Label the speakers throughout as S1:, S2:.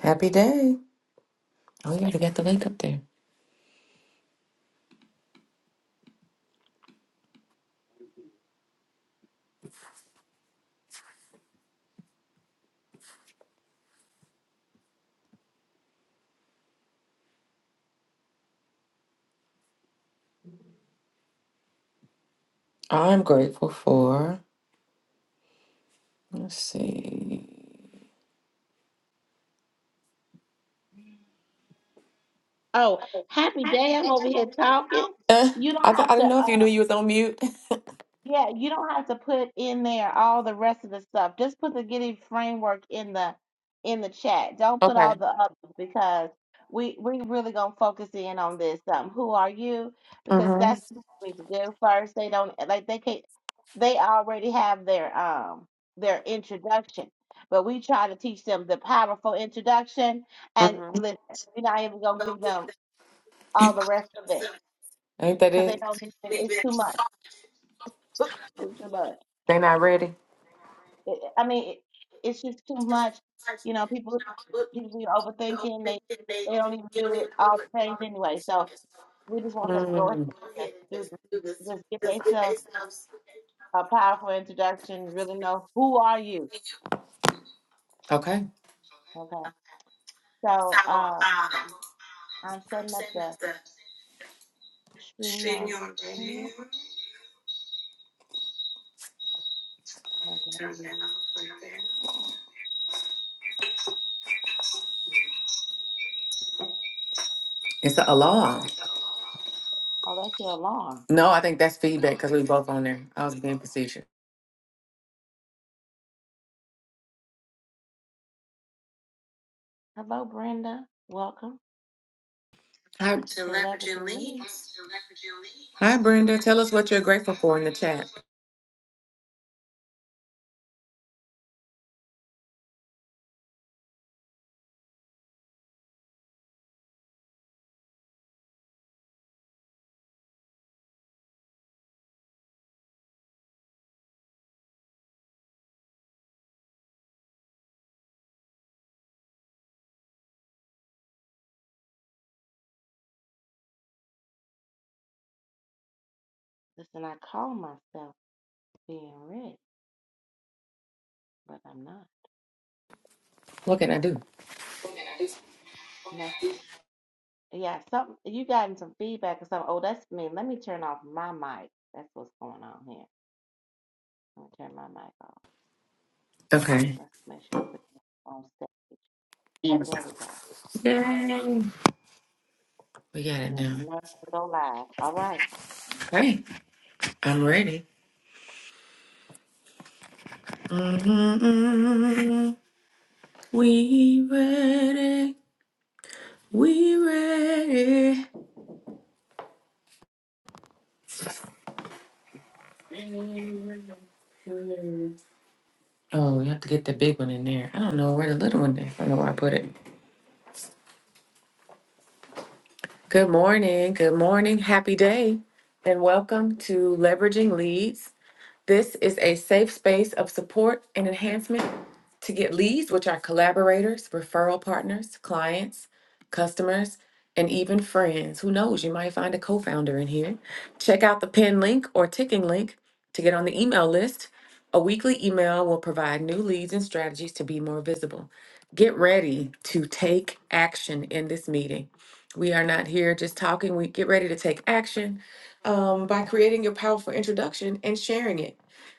S1: Happy day. Oh, you already got the link up there. I'm grateful for. Let's see.
S2: Oh, happy day. I'm over here talking.
S1: Uh.
S2: You don't
S1: I, th-
S2: have
S1: I
S2: to
S1: didn't know if you
S2: uh
S1: knew you was on mute.
S2: yeah, you don't have to put in there all the rest of the stuff. Just put the getting framework in the in the chat. Don't put
S1: Okay.
S2: all the others because we we really gonna focus in on this. Um, who are you? Because
S1: Mm-hmm.
S2: that's what we need to do first. They don't like they can't they already have their um their introduction. But we try to teach them the powerful introduction and
S1: Mm-hmm.
S2: listen, we're not even gonna give them all the rest of it
S1: Ain't that
S2: because they
S1: it?
S2: don't get it. It's too much. It's too much.
S1: They not ready.
S2: It, I mean, it, it's just too much. You know, people people be overthinking. They they don't even do it all the things anyway. So we just want them to go ahead
S1: Mm.
S2: and do this. Just get themselves a powerful introduction. Really know who are you.
S1: Okay.
S2: Okay. So uh, I'm setting up the stream yard. Oh, okay.
S1: It's an alarm.
S2: Oh, that's your alarm.
S1: No, I think that's feedback because we both on there. I was being facetious.
S2: Hello, Brenda. Welcome
S1: Hi,
S2: to Leveraging Leads.
S1: hi, Brenda. Tell us what you're grateful for in the chat.
S2: Listen, I call myself being rich. But I'm not.
S1: What can I do?
S2: No. Yeah, something you gotten some feedback or something. Oh, that's me. Let me turn off my mic. That's what's going on here. I'm gonna turn my mic off.
S1: Okay.
S2: Let's make sure we put it on stage. There we go. And
S1: Yay.
S2: then
S1: We got it
S2: no,
S1: now.
S2: no, go live. All right.
S1: Okay. I'm ready. hmm We ready. We ready. Oh, we have to get the big one in there. I don't know where the little one is. I don't know where I put it. Good morning. Good morning. Happy day. And welcome to Leveraging Leads. This is a safe space of support and enhancement to get leads, which are collaborators, referral partners, clients, customers, and even friends. Who knows? You might find a co founder in here. Check out the pin link or ticking link to get on the email list. A weekly email will provide new leads and strategies to be more visible. Get ready to take action in this meeting. We are not here just talking. We get ready to take action um, by creating your powerful introduction and sharing it.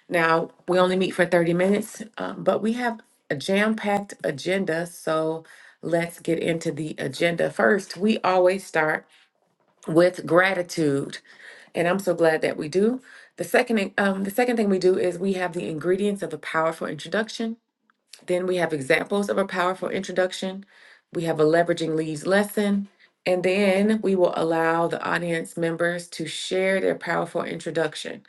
S1: Now, we only meet for 30 minutes, um, but we have a jam-packed agenda, so let's get into the agenda. First, we always start with gratitude, and I'm so glad that we do. The second, um, the second thing we do is we have the ingredients of a powerful introduction. Then we have examples of a powerful introduction. We have a leveraging leads lesson. And then we will allow the audience members to share their powerful introduction.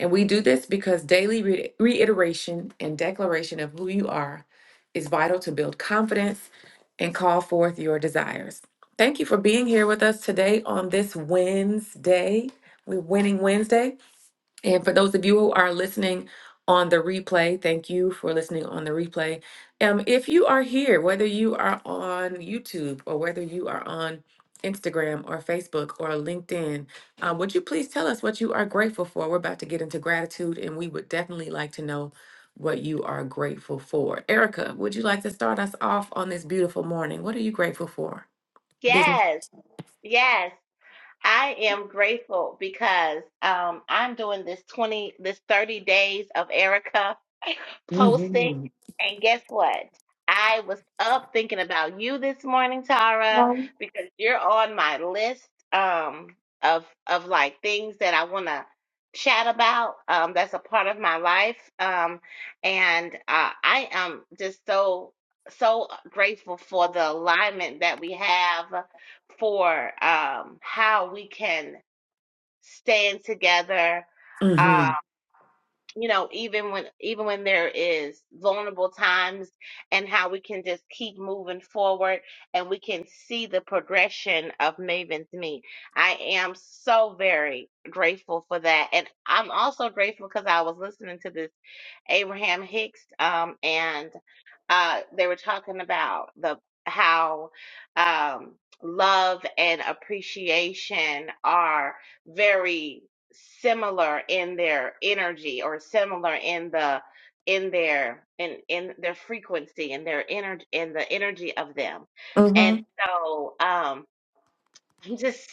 S1: And we do this because daily re- reiteration and declaration of who you are is vital to build confidence and call forth your desires. Thank you for being here with us today on this Wednesday. We're winning Wednesday. And for those of you who are listening on the replay, thank you for listening on the replay. Um, if you are here, whether you are on YouTube or whether you are on Instagram or Facebook or LinkedIn, um, would you please tell us what you are grateful for? We're about to get into gratitude, and we would definitely like to know what you are grateful for. Erica, would you like to start us off on this beautiful morning? What are you grateful for? Business.
S2: Yes, yes. I am grateful because um, I'm doing this 20, this 30 days of Erica posting.
S1: Mm-hmm.
S2: And guess what? I was up thinking about you this morning, Tara, because you're on my list um, of of like things that I want to chat about. Um, that's a part of my life, um, and uh, I am just so so grateful for the alignment that we have for um, how we can stand together. Uh,
S1: Mm-hmm.
S2: you know, even when even when there is vulnerable times, and how we can just keep moving forward, and we can see the progression of Maven's Me. I am so very grateful for that, and I'm also grateful because I was listening to this Abraham Hicks, um, and uh, they were talking about the how um, love and appreciation are very similar in their energy or similar in the in their in in their frequency and their energy in the energy of them and so um i'm just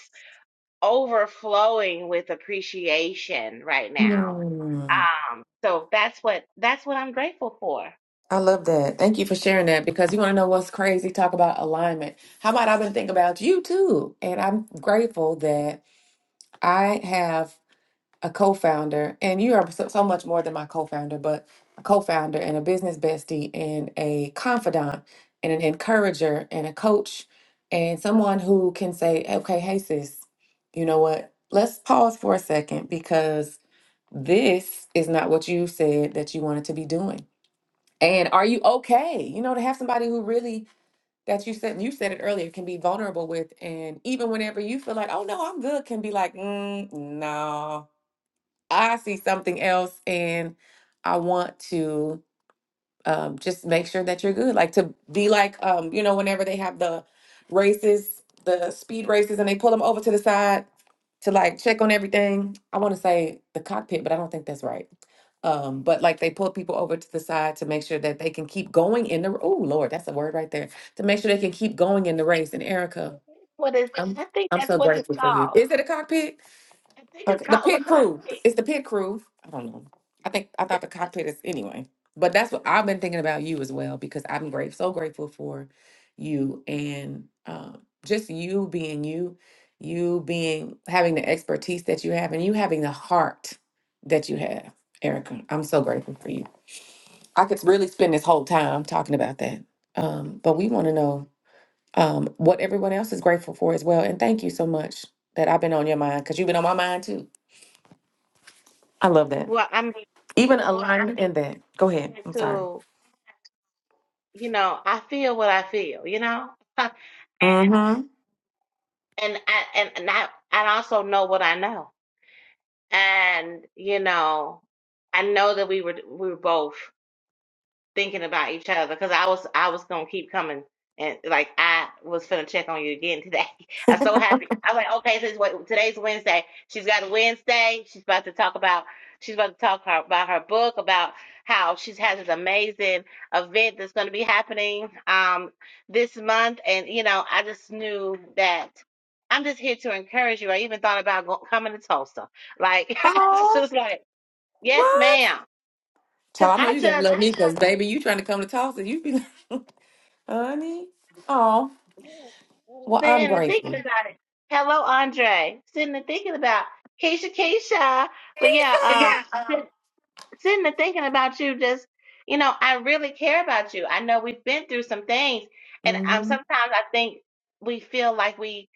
S2: overflowing with appreciation right now
S1: Mm-hmm.
S2: um so that's what that's what i'm grateful for
S1: I love that. Thank you for sharing that because you want to know what's crazy? Talk about alignment. How about I've been thinking about you too? And I'm grateful that I have a co founder, and you are so, so much more than my co founder, but a co founder and a business bestie and a confidant and an encourager and a coach and someone who can say, okay, hey, sis, you know what? Let's pause for a second because this is not what you said that you wanted to be doing and are you okay? You know, to have somebody who really that you said you said it earlier can be vulnerable with, and even whenever you feel like, oh no, I'm good, can be like, mm, no, I see something else, and I want to um, just make sure that you're good. Like to be like, um, you know, whenever they have the races, the speed races, and they pull them over to the side to like check on everything. I want to say the cockpit, but I don't think that's right. Um, but like they pull people over to the side to make sure that they can keep going in the. Oh Lord, that's a word right there. To make sure they can keep going in the race. And Erica,
S2: What is?
S1: I'm
S2: I think
S1: I'm
S2: that's
S1: so
S2: what it's
S1: grateful for you.
S2: called.
S1: Is it a cockpit?
S2: I think it's
S1: Okay, the
S2: called the
S1: pit crew. It's
S2: cockpit.
S1: the pit crew. I don't know. I think I thought the cockpit is anyway. But that's what I've been thinking about you as well because I'm great, so grateful for you and um, just you being you, you being having the expertise that you have, and you having the heart that you have, Erica. I'm so grateful for you. I could really spend this whole time talking about that, um, but we want to know um, what everyone else is grateful for as well. And thank you so much that I've been on your mind because you've been on my mind too. I love that.
S2: Well, I mean,
S1: Even alignment in that. Go
S2: I
S1: ahead.
S2: had
S1: I'm sorry.
S2: to, you know, I feel what I feel, you know, and
S1: Mm-hmm.
S2: I and, and I I also know what I know, and you know, I know that we were we were both. thinking about each other because I was I was gonna keep coming and like I was gonna check on you again today. I'm so happy. I was like, okay, this what today's Wednesday. She's got a Wednesday. She's about to talk about she's about to talk her, about her book about how she's has this amazing event that's going to be happening um this month and you know I just knew that. I'm just here to encourage you. I even thought about go- coming to Tulsa. Like, she was
S1: Oh,
S2: just like, yes,
S1: what?
S2: ma'am. Because
S1: Child, I know
S2: I
S1: you
S2: just,
S1: gotta love me because baby, you trying to come to Tulsa. You be like, honey. Oh,
S2: Yes.
S1: well, I'm
S2: Sitting and thinking
S1: grateful.
S2: about it. Hello, Andre. Sitting and thinking about Keisha, Keisha. But yeah, um, sit- sitting and thinking about you. Just you know, I really care about you. I know we've been through some things, and um,
S1: Mm-hmm.
S2: sometimes I think we feel like we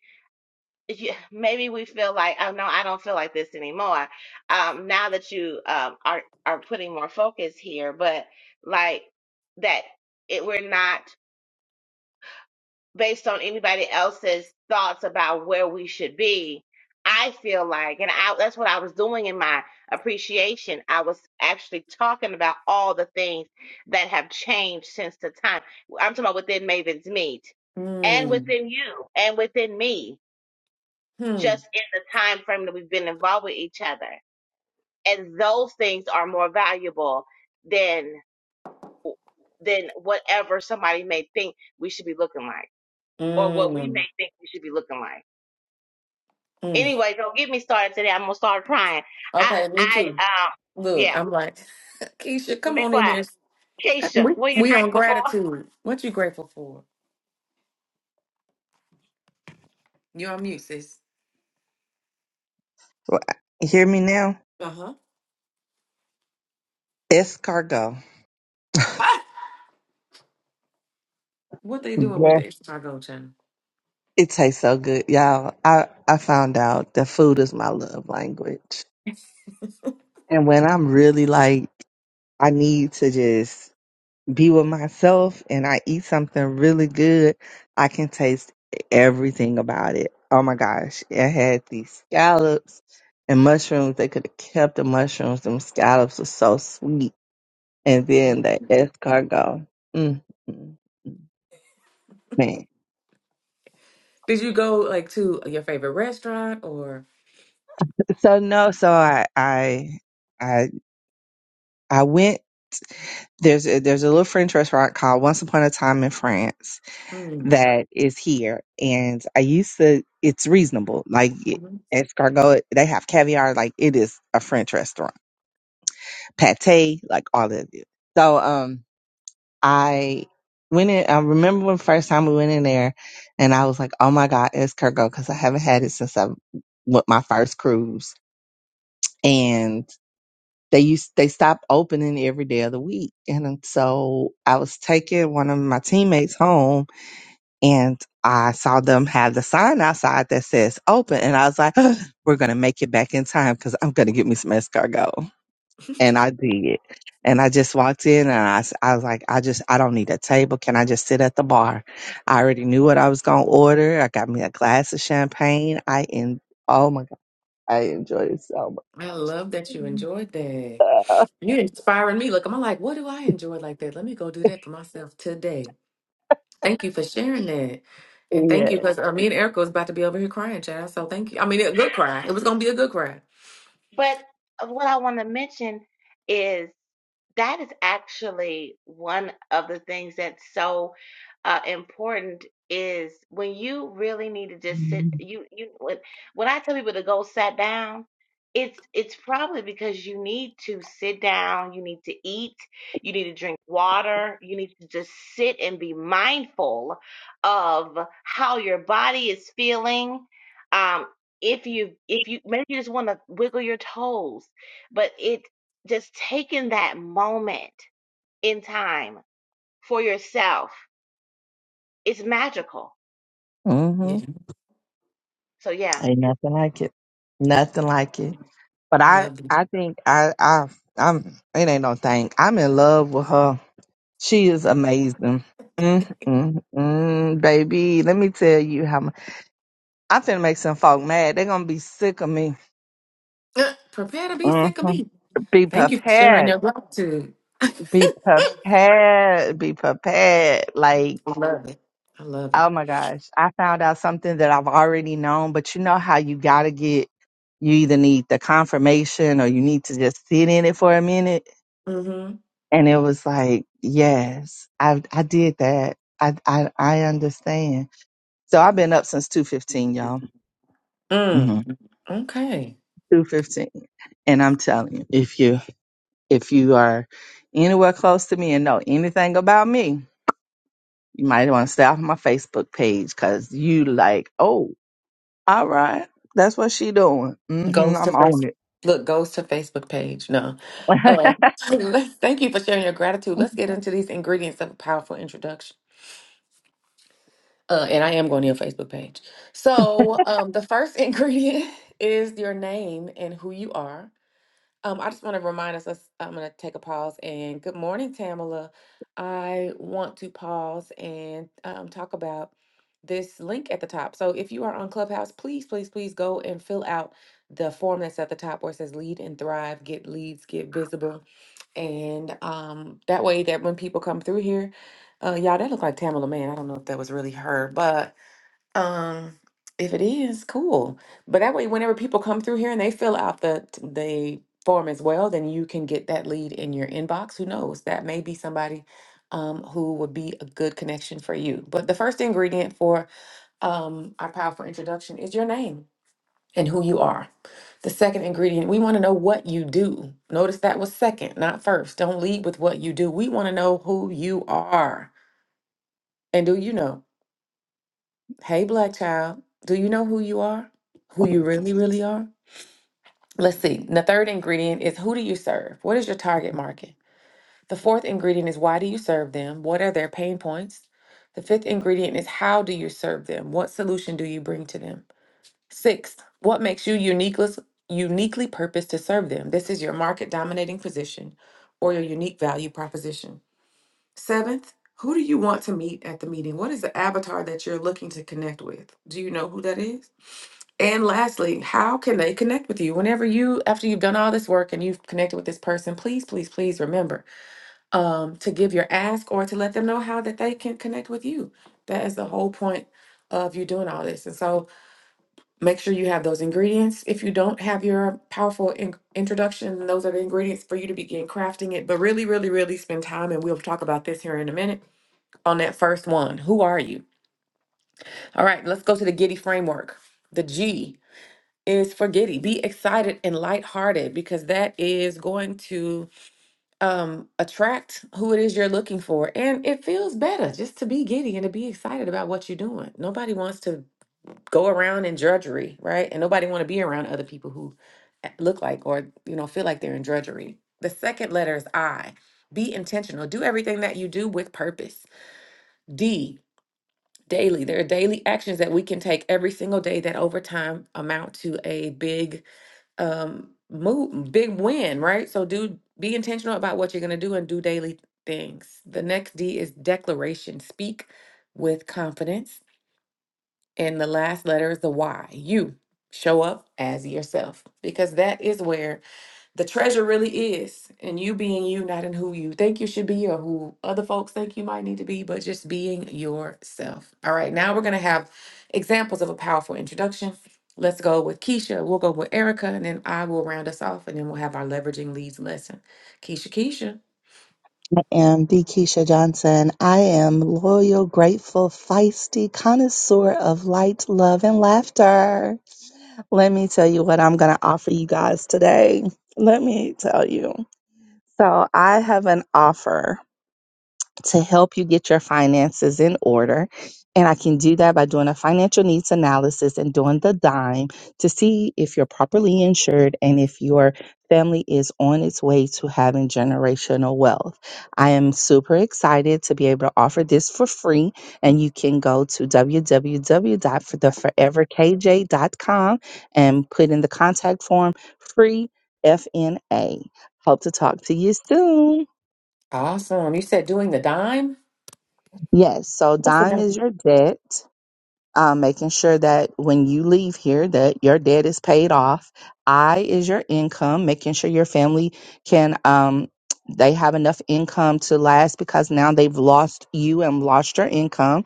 S2: yeah, maybe we feel like oh no, I don't feel like this anymore. Um, now that you um are are putting more focus here, but like that, it we're not based on anybody else's thoughts about where we should be. I feel like, and I, that's what I was doing in my appreciation. I was actually talking about all the things that have changed since the time. I'm talking about within Maven's Meet and
S1: Mm.
S2: within you and within me,
S1: Hmm.
S2: just in the time frame that we've been involved with each other. And those things are more valuable than than whatever somebody may think we should be looking like or what we
S1: Mm.
S2: may think we should be looking like.
S1: Mm.
S2: Anyway, don't get me started today. I'm gonna start crying. I
S1: Okay, me
S2: I
S1: too.
S2: um
S1: Look,
S2: yeah,
S1: I'm like, Keisha, come
S2: be
S1: on in here.
S2: quiet. Keisha,
S1: We
S2: what you
S1: we
S2: drink
S1: on
S2: before?
S1: gratitude. What you grateful for? You on mute, sis.
S3: Well, Hear me now?
S1: Uh-huh.
S3: Escargot.
S1: Ah! What they doing with
S3: Yeah.
S1: the extra gold channel?
S3: It tastes so good, y'all. I, I found out that food is my love language. And when I'm really like, I need to just be with myself and I eat something really good, I can taste everything about it. Oh my gosh. It had these scallops and mushrooms. They could have kept the mushrooms. Them scallops were so sweet. And then the escargot. Mm, mm, mm. Man.
S1: Did you go like to your favorite restaurant or?
S3: So no, so I I I I went there's a, there's a little French restaurant called Once Upon a Time in France
S1: Mm.
S3: that is here, and I used to. It's reasonable, like it-
S1: Mhm.
S3: escargot. They have caviar, like it is a French restaurant. Pate, like all of it. So um, I went in. I remember when first time we went in there, and I was like, oh my god, escargot, because I haven't had it since I went my first cruise, They used they stopped opening every day of the week, and so I was taking one of my teammates home, and I saw them have the sign outside that says "open," and I was like, "Ugh, "We're gonna make it back in time because I'm gonna get me some escargot." And I did, and I just walked in, and I, s- I was like, "I just I don't need a table. Can I just sit at the bar?" I already knew what I was gonna order. I got me a glass of champagne. I in oh my god, I enjoyed it so much.
S1: I love that you enjoyed that. You're inspiring me. Look, I'm like, what do I enjoy like that? Let me go do that for myself today. Thank you for sharing that. And thank you
S3: yeah.
S1: because uh, me and Erica was about to be over here crying, child. So thank you. I mean, a good cry. It was going to be a good cry.
S2: But uh, what I want to mention is that is actually one of the things that's so uh, important is when you really need to just sit. You you when, when I tell people to go sit down, it's it's probably because you need to sit down. You need to eat. You need to drink water. You need to just sit and be mindful of how your body is feeling. Um, if you if you maybe you just want to wiggle your toes but it just taking that moment in time for yourself is magical
S1: Yeah,
S3: hmm
S2: so yeah
S3: Ain't nothing like it. Nothing like it. But
S1: I
S3: I,
S1: love you.
S3: I think I, I, I'm. It ain't no thing. I'm in love with her. She is amazing. Mm, mm, mm, baby, let me tell you how much. I'm finna make some folk mad. They're gonna be sick of me.
S1: Uh, prepare to be
S3: hmm
S1: sick of me.
S3: Be
S1: Thank you for sharing
S3: prepared.
S1: your gratitude. I
S3: Be prepared. Be prepared. Like.
S1: love it. I love it.
S3: Oh my gosh. I found out something that I've already known, but you know how you got to get, you either need the confirmation or you need to just sit in it for a minute.
S1: Mm-hmm.
S3: And it was like, yes, I, I did that. I, I, I understand. So I've been up since 215, y'all. hmm
S1: Mm. Okay.
S3: 215. And I'm telling you, if you, if you are anywhere close to me and know anything about me, you might want to stay off my Facebook page because you like, oh. All right. That's what she doing. hmm
S1: Goes to
S3: I'm
S1: face.
S3: on it.
S1: Look, goes to Facebook page. No.
S3: I
S1: Uh, let's, thank you for sharing your gratitude. Let's get into these ingredients of a powerful introduction. Uh, and I am going to your Facebook page. So, um, the first ingredient is your name and who you are. Um, I just want to remind us, us I'm going to take a pause and good morning, Tamala. I want to pause and um, talk about this link at the top. So if you are on Clubhouse, please, please, please go and fill out the form that's at the top where it says lead and thrive, get leads, get visible. And um, that way that when people come through here, uh, y'all, that looked like Tamala, man. I don't know if that was really her, but. Um, if it is, cool. But that way, whenever people come through here and they fill out the t- the form as well, then you can get that lead in your inbox. Who knows? That may be somebody um, who would be a good connection for you. But the first ingredient for um, our powerful introduction is your name and who you are. The second ingredient, we want to know what you do. Notice that was second, not first. Don't lead with what you do. We want to know who you are. And do you know? Hey, Black child, do you know who you are? Who you really, really are? Let's see. The third ingredient is who do you serve? What is your target market? The fourth ingredient is why do you serve them? What are their pain points? The fifth ingredient is how do you serve them? What solution do you bring to them? Sixth, what makes you uniquely, uniquely purposed to serve them? This is your market dominating position or your unique value proposition. Seventh, who do you want to meet at the meeting? What is the avatar that you're looking to connect with? Do you know who that is? And lastly, how can they connect with you? Whenever you, after you've done all this work and you've connected with this person, please, please, please remember um, to give your ask or to let them know how that they can connect with you. That is the whole point of you doing all this. And so make sure you have those ingredients. If you don't have your powerful in- introduction, those are the ingredients for you to begin crafting it. But really, really, really spend time, and we'll talk about this here in a minute on that first one. Who are you? All right, let's go to the Giddy framework. The G. is forgetting. Be excited and lighthearted because that is going to um, attract who it is you're looking for. And it feels better just to be giddy and to be excited about what you're doing. Nobody wants to go around in drudgery, right? And nobody want to be around other people who a- look like or you know feel like they're in drudgery. The second letter is I. Be intentional. Do everything that you do with purpose. D. Daily. There are daily actions that we can take every single day that over time amount to a big um move big win right so do be intentional about what you're going to do and do daily things the next d is declaration speak with confidence and the last letter is the y you show up as yourself because that is where the treasure really is in you being you, not in who you think you should be or who other folks think you might need to be, but just being yourself. All right, now we're going to have examples of a powerful introduction. Let's go with Keisha. We'll go with Erica, and then I will round us off, and then we'll have our leveraging leads lesson. Keisha, Keisha.
S3: am the Keisha Johnson. I am loyal, grateful, feisty, connoisseur of light, love, and laughter. Let me tell you what I'm going to offer you guys today. Let me tell you. So, I have an offer. to help you get your finances in order. And I can do that by doing a financial needs analysis and doing the dime to see if you're properly insured and if your family is on its way to having generational wealth. I am super excited to be able to offer this for free. And you can go to w w w dot the forever k j dot com and put in the contact form free FNA. Hope to talk to you soon.
S1: Awesome. You said doing the dime?
S3: Yes, so
S1: What's the
S3: dime is your debt, um, making sure that when you leave here that your debt is paid off. I is your income, making sure your family can um they have enough income to last because now they've lost you and lost your income.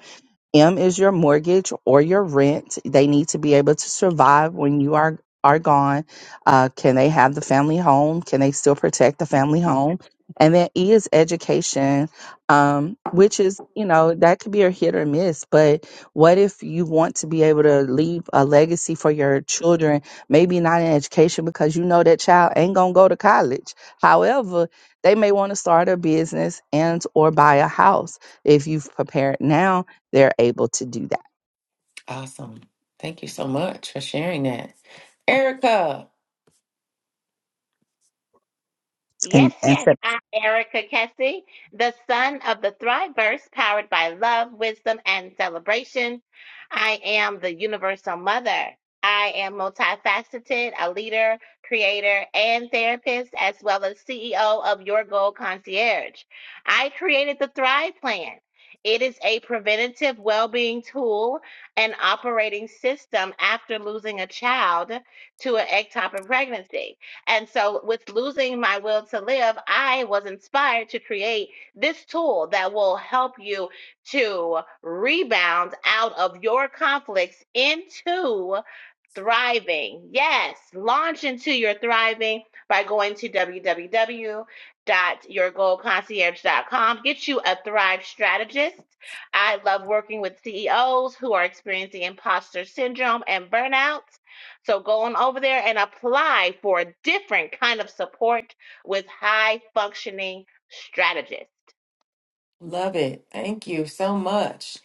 S3: M is your mortgage or your rent. They need to be able to survive when you are are gone. Uh, can they have the family home? Can they still protect the family home? And then E is education, um, which is you know that could be a hit or miss. But what if you want to be able to leave a legacy for your children? Maybe not in education because you know that child ain't gonna go to college. However, they may want to start a business and or buy a house if you've prepared now they're able to do that.
S1: Awesome. Thank you so much for sharing that. Erica,
S2: Yes,
S3: And and
S2: yes,
S3: so,
S2: I'm Erica Kessie, the son of the Thriverse, powered by love, wisdom, and celebration. I am the universal mother. I am multifaceted, a leader, creator, and therapist, as well as CEO of Your Goal Concierge. I created the Thrive Plan. It is a preventative well being tool and operating system after losing a child to an ectopic pregnancy. And so, with losing my will to live, I was inspired to create this tool that will help you to rebound out of your conflicts into Thriving. Yes, launch into your thriving by going to w w w dot your goal concierge dot com. Get you a Thrive strategist. I love working with CEOs who are experiencing imposter syndrome and burnout. So go on over there and apply for a different kind of support with high functioning strategists.
S1: love it. Thank you so much.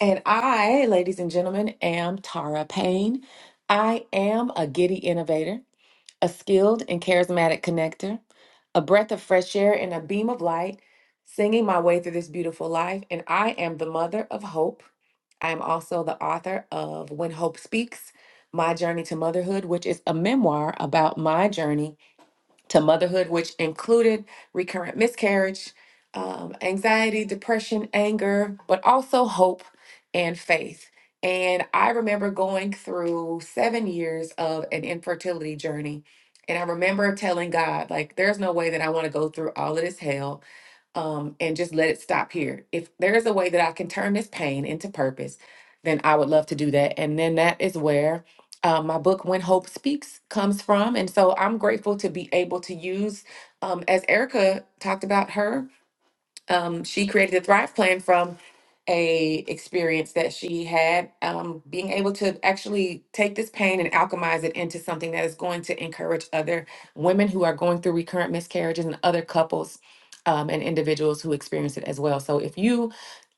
S1: And I, ladies and gentlemen, am Tara Payne. I am a giddy innovator, a skilled and charismatic connector, a breath of fresh air and a beam of light, singing my way through this beautiful life. And I am the mother of hope. I'm also the author of When Hope Speaks My Journey to Motherhood, which is a memoir about my journey to motherhood, which included recurrent miscarriage, um, anxiety, depression, anger, but also hope and faith. And I remember going through seven years of an infertility journey. And I remember telling God, like, there's no way that I want to go through all of this hell um, and just let it stop here. If there is a way that I can turn this pain into purpose, then I would love to do that. And then that is where uh, my book, When Hope Speaks, comes from. And so I'm grateful to be able to use, um, as Erica talked about her um, she created the thrive plan from a experience that she had um, being able to actually take this pain and alchemize it into something that is going to encourage other women who are going through recurrent miscarriages and other couples um, and individuals who experience it as well so if you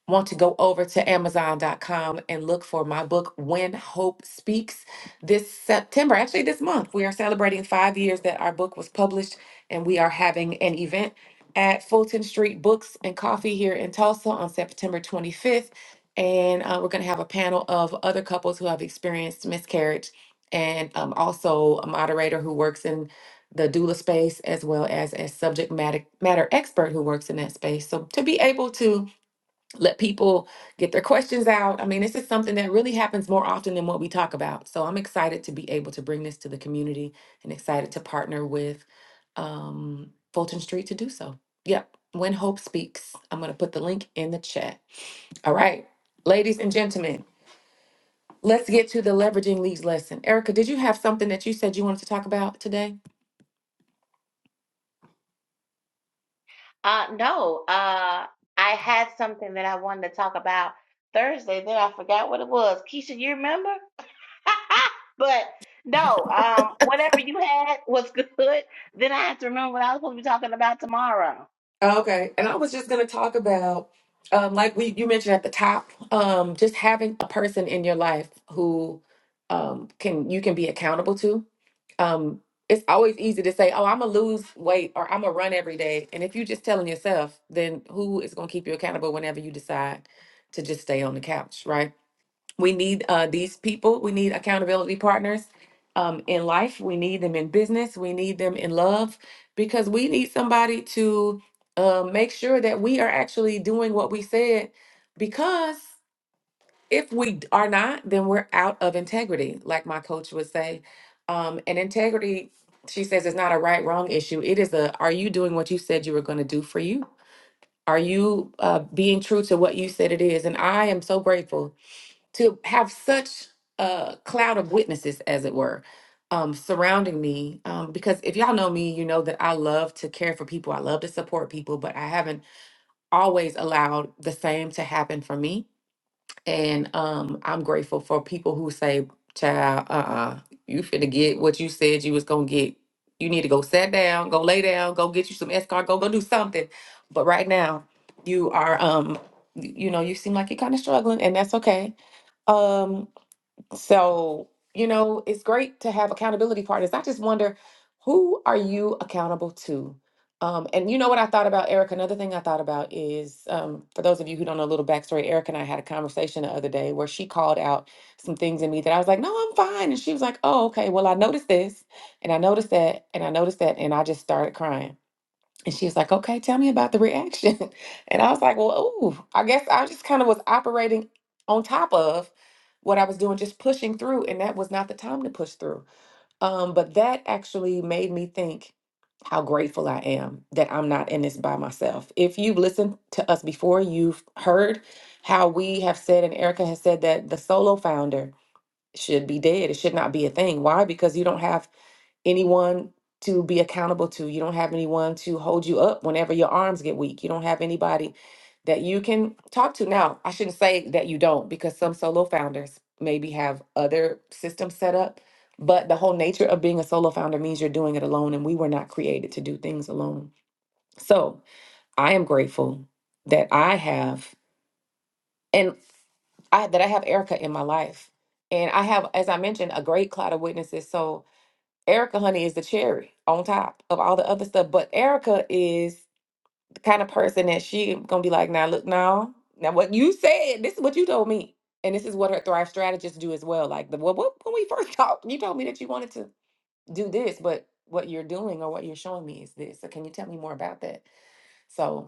S1: want to go over to Amazon.com and look for my book, When Hope Speaks, this September, actually this month, we are celebrating five years that our book was published, and we are having an event at Fulton Street Books and Coffee here in Tulsa on September 25th. And uh, we're going to have a panel of other couples who have experienced miscarriage and um, also a moderator who works in the doula space as well as a subject matter, matter expert who works in that space. So to be able to let people get their questions out. I mean, this is something that really happens more often than what we talk about. So I'm excited to be able to bring this to the community and excited to partner with um, Fulton Street to do so. Yep. When Hope Speaks, I'm going to put the link in the chat. All right. Ladies and gentlemen, let's get to the leveraging leads lesson. Erica, did you have something that you said you wanted to talk about today?
S2: Uh, no, uh, I had something that I wanted to talk about Thursday. Then I forgot what it was. Keisha, you remember? but no, um, whatever you had was good. Then I have to remember what I was supposed to be talking about tomorrow.
S1: Okay, and I was just going to talk about, um, like we you mentioned at the top, um, just having a person in your life who um, can you can be accountable to. Um, it's always easy to say, "Oh, I'm gonna lose weight" or "I'm gonna run every day," and if you're just telling yourself, then who is gonna keep you accountable whenever you decide to just stay on the couch, right? We need uh, these people. We need accountability partners um, in life. We need them in business. We need them in love because we need somebody to uh, make sure that we are actually doing what we said. Because if we d- are not, then we're out of integrity, like my coach would say. Um, and integrity, she says, is not a right wrong issue. It is a are you doing what you said you were going to do for you? Are you uh, being true to what you said it is? And I am so grateful to have such a cloud of witnesses, as it were, um, surrounding me. Um, because if y'all know me, you know that I love to care for people, I love to support people, but I haven't always allowed the same to happen for me. And um, I'm grateful for people who say, child, uh-uh, you finna get what you said you was gonna get. You need to go sit down, go lay down, go get you some escort, go go do something. But right now, you are um, y- you know, you seem like you're kind of struggling, and that's okay. Um, so, you know, it's great to have accountability partners. I just wonder who are you accountable to? Um, and you know what I thought about Eric? Another thing I thought about is um, for those of you who don't know a little backstory, Eric and I had a conversation the other day where she called out some things in me that I was like, no, I'm fine. And she was like, oh, okay, well, I noticed this and I noticed that and I noticed that. And I just started crying. And she was like, okay, tell me about the reaction. And I was like, well, ooh, I guess I just kind of was operating on top of what I was doing, just pushing through. And that was not the time to push through. Um, but that actually made me think how grateful I am that I'm not in this by myself. If you've listened to us before, you've heard how we have said, and Erica has said that the solo founder should be dead. It should not be a thing. Why? Because you don't have anyone to be accountable to. You don't have anyone to hold you up whenever your arms get weak. You don't have anybody that you can talk to. Now, I shouldn't say that you don't because some solo founders maybe have other systems set up, but the whole nature of being a solo founder means you're doing it alone, and we were not created to do things alone. So I am grateful that I have and I that I have Erica in my life. And I have, as I mentioned, a great cloud of witnesses. So Erica, honey, is the cherry on top of all the other stuff. But Erica is the kind of person that she gonna be like, now look, now, now what you said, this is what you told me. And this is what her thrive strategists do as well. Like the what, what when we first talked, you told me that you wanted to do this, but what you're doing or what you're showing me is this. So can you tell me more about that? So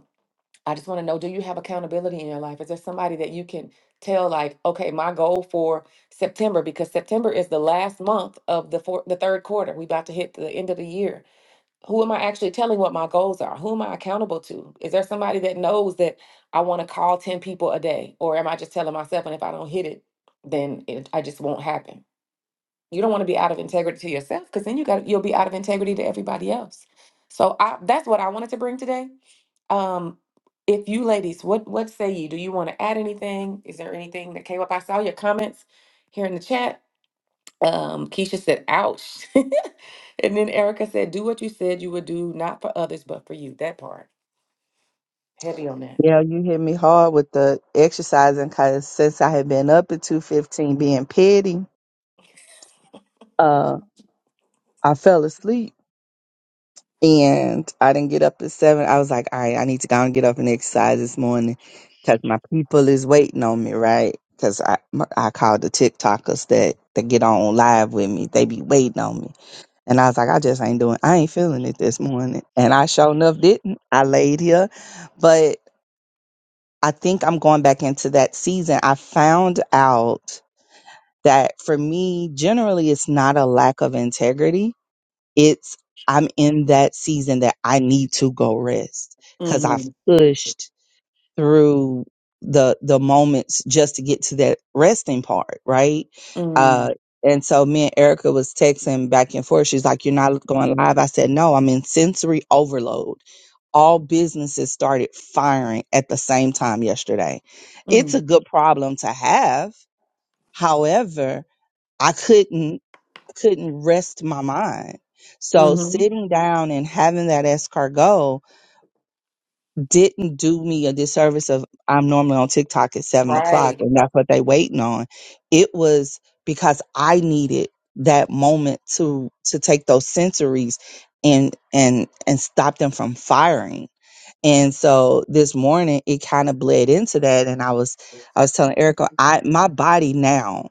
S1: I just want to know do you have accountability in your life? Is there somebody that you can tell like, okay, my goal for September because September is the last month of the four, the third quarter. We about to hit the end of the year. Who am I actually telling what my goals are? Who am I accountable to? Is there somebody that knows that I want to call 10 people a day or am I just telling myself and if I don't hit it, then it, I just won't happen? You don't want to be out of integrity to yourself because then you got you'll be out of integrity to everybody else. So I that's what I wanted to bring today. Um, if you ladies, what what say you? Do you want to add anything? Is there anything that came up? I saw your comments here in the chat. Um, Keisha said, "Ouch," and then Erica said, "Do what you said you would do, not for others, but for you." That part heavy on that.
S3: you know, you hit me hard with the exercising because since I had been up at two fifteen being petty, uh, I fell asleep and I didn't get up at seven. I was like, all right, I need to go and get up and exercise this morning because my people is waiting on me, right? Because I my- I called the TikTokers that that get on live with me. They be waiting on me, and I was like, I just ain't doing. I ain't feeling it this morning, and I sure enough didn't. I laid here, but I think I'm going back into that season. I found out that for me, generally, it's not a lack of integrity. It's I'm in that season that I need to go rest because I've
S1: Mm-hmm.
S3: pushed through the the moments just to get to that resting part, right?
S1: Mm.
S3: Uh and so me and Erica was texting back and forth. She's like, You're not going live. I said, No, I'm in sensory overload. All businesses started firing at the same time yesterday. It's a
S1: Mm.
S3: good problem to have. However, I couldn't I couldn't rest my mind. So
S1: Mm-hmm.
S3: sitting down and having that escargot didn't do me a disservice of I'm normally on TikTok at seven o'clock
S1: Right.
S3: and that's what they waiting on. It was because I needed that moment to to take those sensories and and and stop them from firing. And so this morning it kind of bled into that and I was I was telling Erica I my body now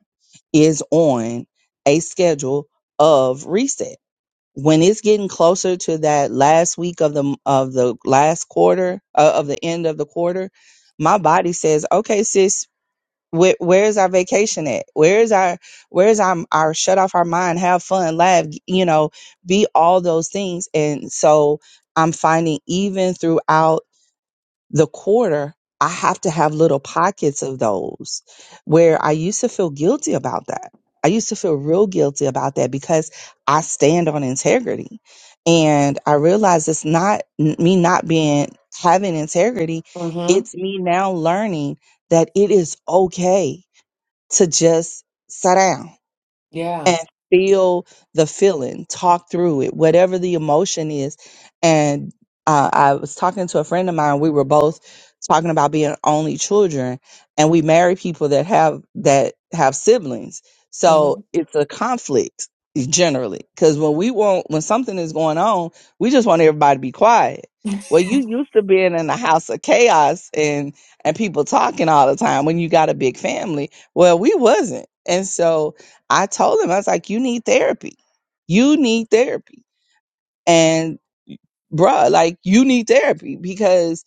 S3: is on a schedule of resets when it's getting closer to that last week of the of the last quarter uh, of the end of the quarter my body says okay sis where, where's our vacation at where's our where's our, our shut off our mind have fun laugh you know be all those things and so i'm finding even throughout the quarter, I have to have little pockets of those where I used to feel guilty about that. I used to feel real guilty about that because I stand on integrity. And I realize it's not n- me not being having integrity,
S1: Mm-hmm.
S3: it's me now learning that it is okay to just sit down
S1: Yeah.
S3: and feel the feeling, talk through it, whatever the emotion is. And uh, I was talking to a friend of mine. We were both talking about being only children, and we marry people that have that have siblings. So
S1: Mm-hmm.
S3: it's a conflict generally because when we want when something is going on, we just want everybody to be quiet. Well, you used to being in a house of chaos and and people talking all the time when you got a big family. Well, we wasn't, and so I told him, I was like, you need therapy. You need therapy. And bruh, like you need therapy because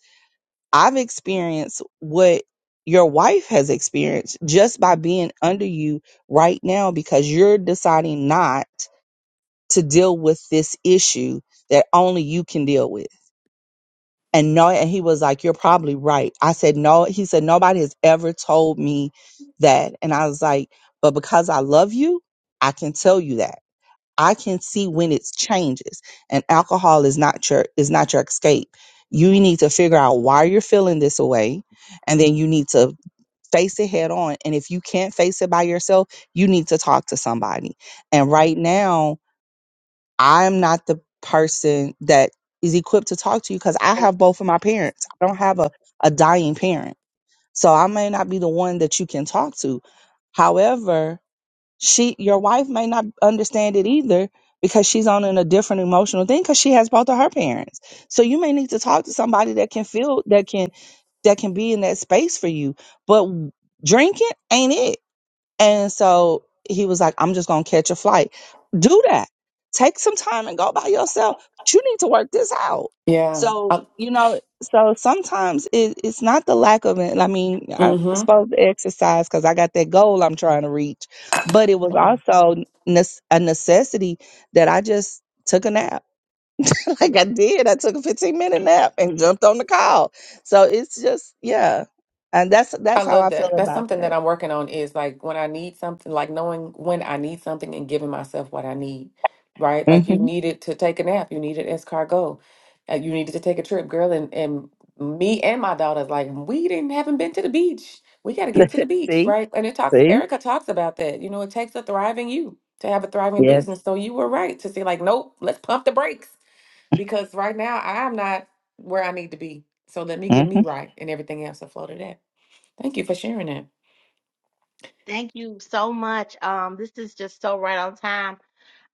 S3: I've experienced what your wife has experienced just by being under you right now because you're deciding not to deal with this issue that only you can deal with. And no, and he was like, You're probably right. I said, No, he said, Nobody has ever told me that. And I was like, But because I love you, I can tell you that I can see when it's changes and alcohol is not your is not your escape. You need to figure out why you're feeling this way and then you need to face it head on and if you can't face it by yourself, you need to talk to somebody. And right now, I'm not the person that is equipped to talk to you cuz I have both of my parents. I don't have a a dying parent. So I may not be the one that you can talk to. However, she your wife may not understand it either because she's on in a different emotional thing because she has both of her parents so you may need to talk to somebody that can feel that can that can be in that space for you but drinking ain't it and so he was like, I'm just going to catch a flight. Do that. Take some time and go by yourself. But you need to work this out.
S1: Yeah.
S3: So,
S1: Uh,
S3: you know, so sometimes it, it's not the lack of it. I mean, I'm
S1: mm-hmm.
S3: supposed to exercise because I got that goal I'm trying to reach, but it was also nes- a necessity that I just took a nap. like I did. I took a 15 minute nap and jumped on the call. So it's just, yeah. And that's, that's
S1: I
S3: how I
S1: love
S3: feel
S1: that. That's
S3: about
S1: something that
S3: that.
S1: I'm working on is like when I need something, like knowing when I need something and giving myself what I need, right? Like you
S3: hmm
S1: needed to take a nap, you needed escargot, uh, you needed to take a trip, girl. And, and me and my daughter's like, we didn't haven't been to the beach. We got to get to the beach,
S3: See?
S1: right? And it talks,
S3: See?
S1: Erica talks about that. You know, it takes a thriving you to have a thriving
S3: Yes.
S1: business. So you were right to say like, nope, let's pump the brakes because right now I'm not where I need to be. So let me get
S3: Mm-hmm.
S1: me right and everything else will flow to that. Thank you for sharing that.
S2: Thank you so much. Um, this is just so right on time.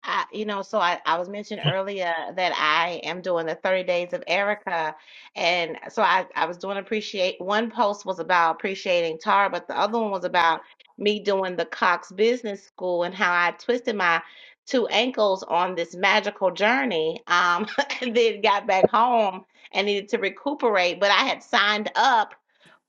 S2: I, you know, so I, I was mentioned earlier that I am doing the 30 days of Erica. And so I, I was doing appreciate one post was about appreciating Tara, but the other one was about me doing the Cox Business School and how I twisted my two ankles on this magical journey. Um, and then got back home and needed to recuperate, but I had signed up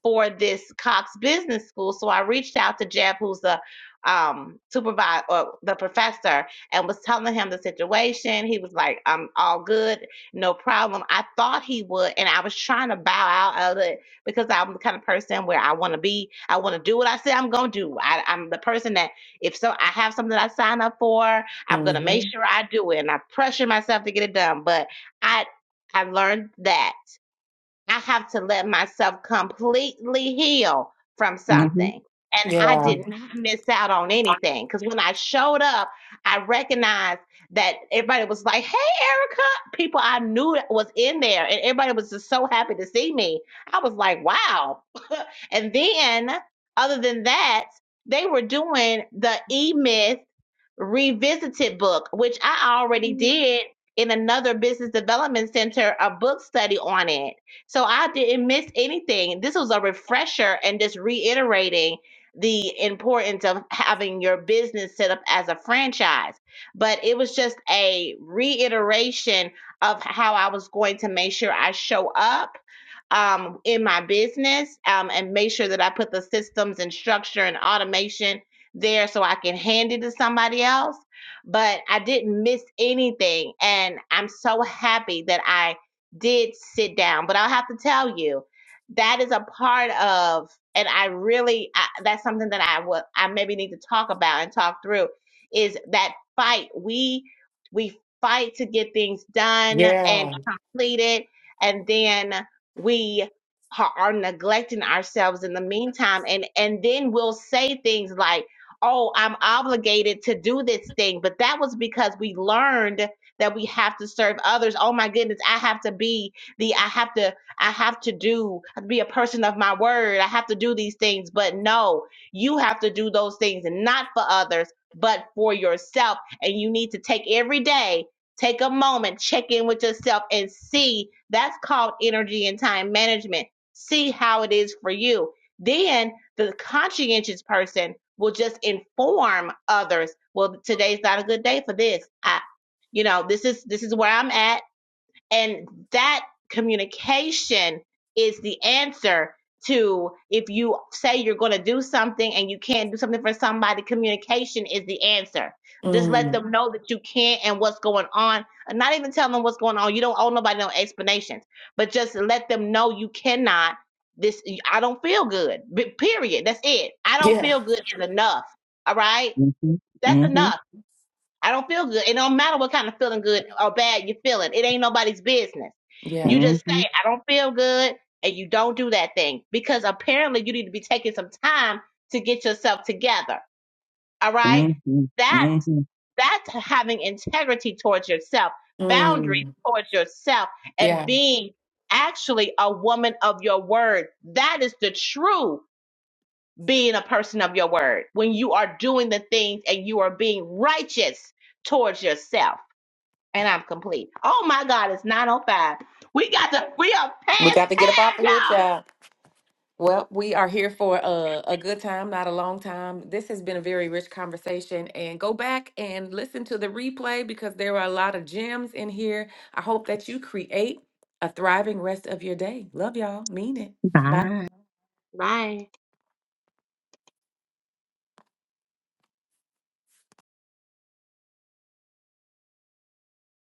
S2: for this Cox Business School. So I reached out to Jeb, who's the um, supervisor or the professor, and was telling him the situation. He was like, "I'm all good, no problem." I thought he would, and I was trying to bow out of it because I'm the kind of person where I want to be. I want to do what I say I'm gonna do. I, I'm the person that if so, I have something I sign up for, I'm gonna make
S1: hmm
S2: sure I do it, and I pressure myself to get it done. But I I learned that I have to let myself completely heal from
S3: Mm-hmm.
S2: something. And I
S1: Yeah.
S2: did not miss out on anything because when I showed up, I recognized that everybody was like, Hey, Erica. People I knew that was in there, and everybody was just so happy to see me. I was like, Wow. and then, other than that, they were doing the e myth revisited book, which I already
S3: Mm-hmm.
S2: did in another business development center, a book study on it. So I didn't miss anything. This was a refresher and just reiterating the importance of having your business set up as a franchise. But it was just a reiteration of how I was going to make sure I show up um, in my business um, and make sure that I put the systems and structure and automation there so I can hand it to somebody else. But I didn't miss anything. And I'm so happy that I did sit down. But I'll have to tell you, that is a part of, and I really, I, that's something that I would, I maybe need to talk about and talk through is that fight. We, we fight to get things done and
S1: Yeah.
S2: completed. And then we are, are neglecting ourselves in the meantime. And, and then we'll say things like, oh, I'm obligated to do this thing. But that was because we learned that we have to serve others. Oh my goodness, I have to be the, I have to, I have to do, to be a person of my word. I have to do these things. But no, you have to do those things and not for others, but for yourself. And you need to take every day. Take a moment, check in with yourself and see that's called energy and time management. See how it is for you. Then the conscientious person will just inform others well today's not a good day for this i you know this is this is where i'm at and that communication is the answer to if you say you're going to do something and you can't do something for somebody, communication is the answer. Just let
S1: Mm.
S2: them know that you can't and what's going on. And Not even tell them what's going on. You don't owe nobody no explanations, but just let them know you cannot. This, I don't feel good. B- Period. That's it. I don't
S1: Yeah.
S2: feel good is enough. All right. That's
S3: Mm-hmm.
S2: enough I don't feel good. It don't matter what kind of feeling good or bad you're feeling. It ain't nobody's business. You
S1: Yeah.
S2: just
S3: Mm-hmm.
S2: say, I don't feel good, and you don't do that thing because apparently you need to be taking some time to get yourself together. All right.
S3: Mm-hmm.
S2: That
S3: Mm-hmm.
S2: that's having integrity towards yourself, boundaries
S1: Mm.
S2: towards yourself, and
S1: Yeah.
S2: being actually a woman of your word. That is the true being a person of your word when you are doing the things and you are being righteous towards yourself and I'm complete. Oh my God, it's 9:05. We got to. We are
S1: We got
S2: past
S1: to get up off
S2: time,
S1: of here,
S2: y'all.
S1: child. Well, we are here for a, a good time, not a long time. This has been a very rich conversation. And go back and listen to the replay because there are a lot of gems in here. I hope that you create a thriving rest of your day. Love y'all. Mean it. Bye.
S3: Hi.
S2: Bye.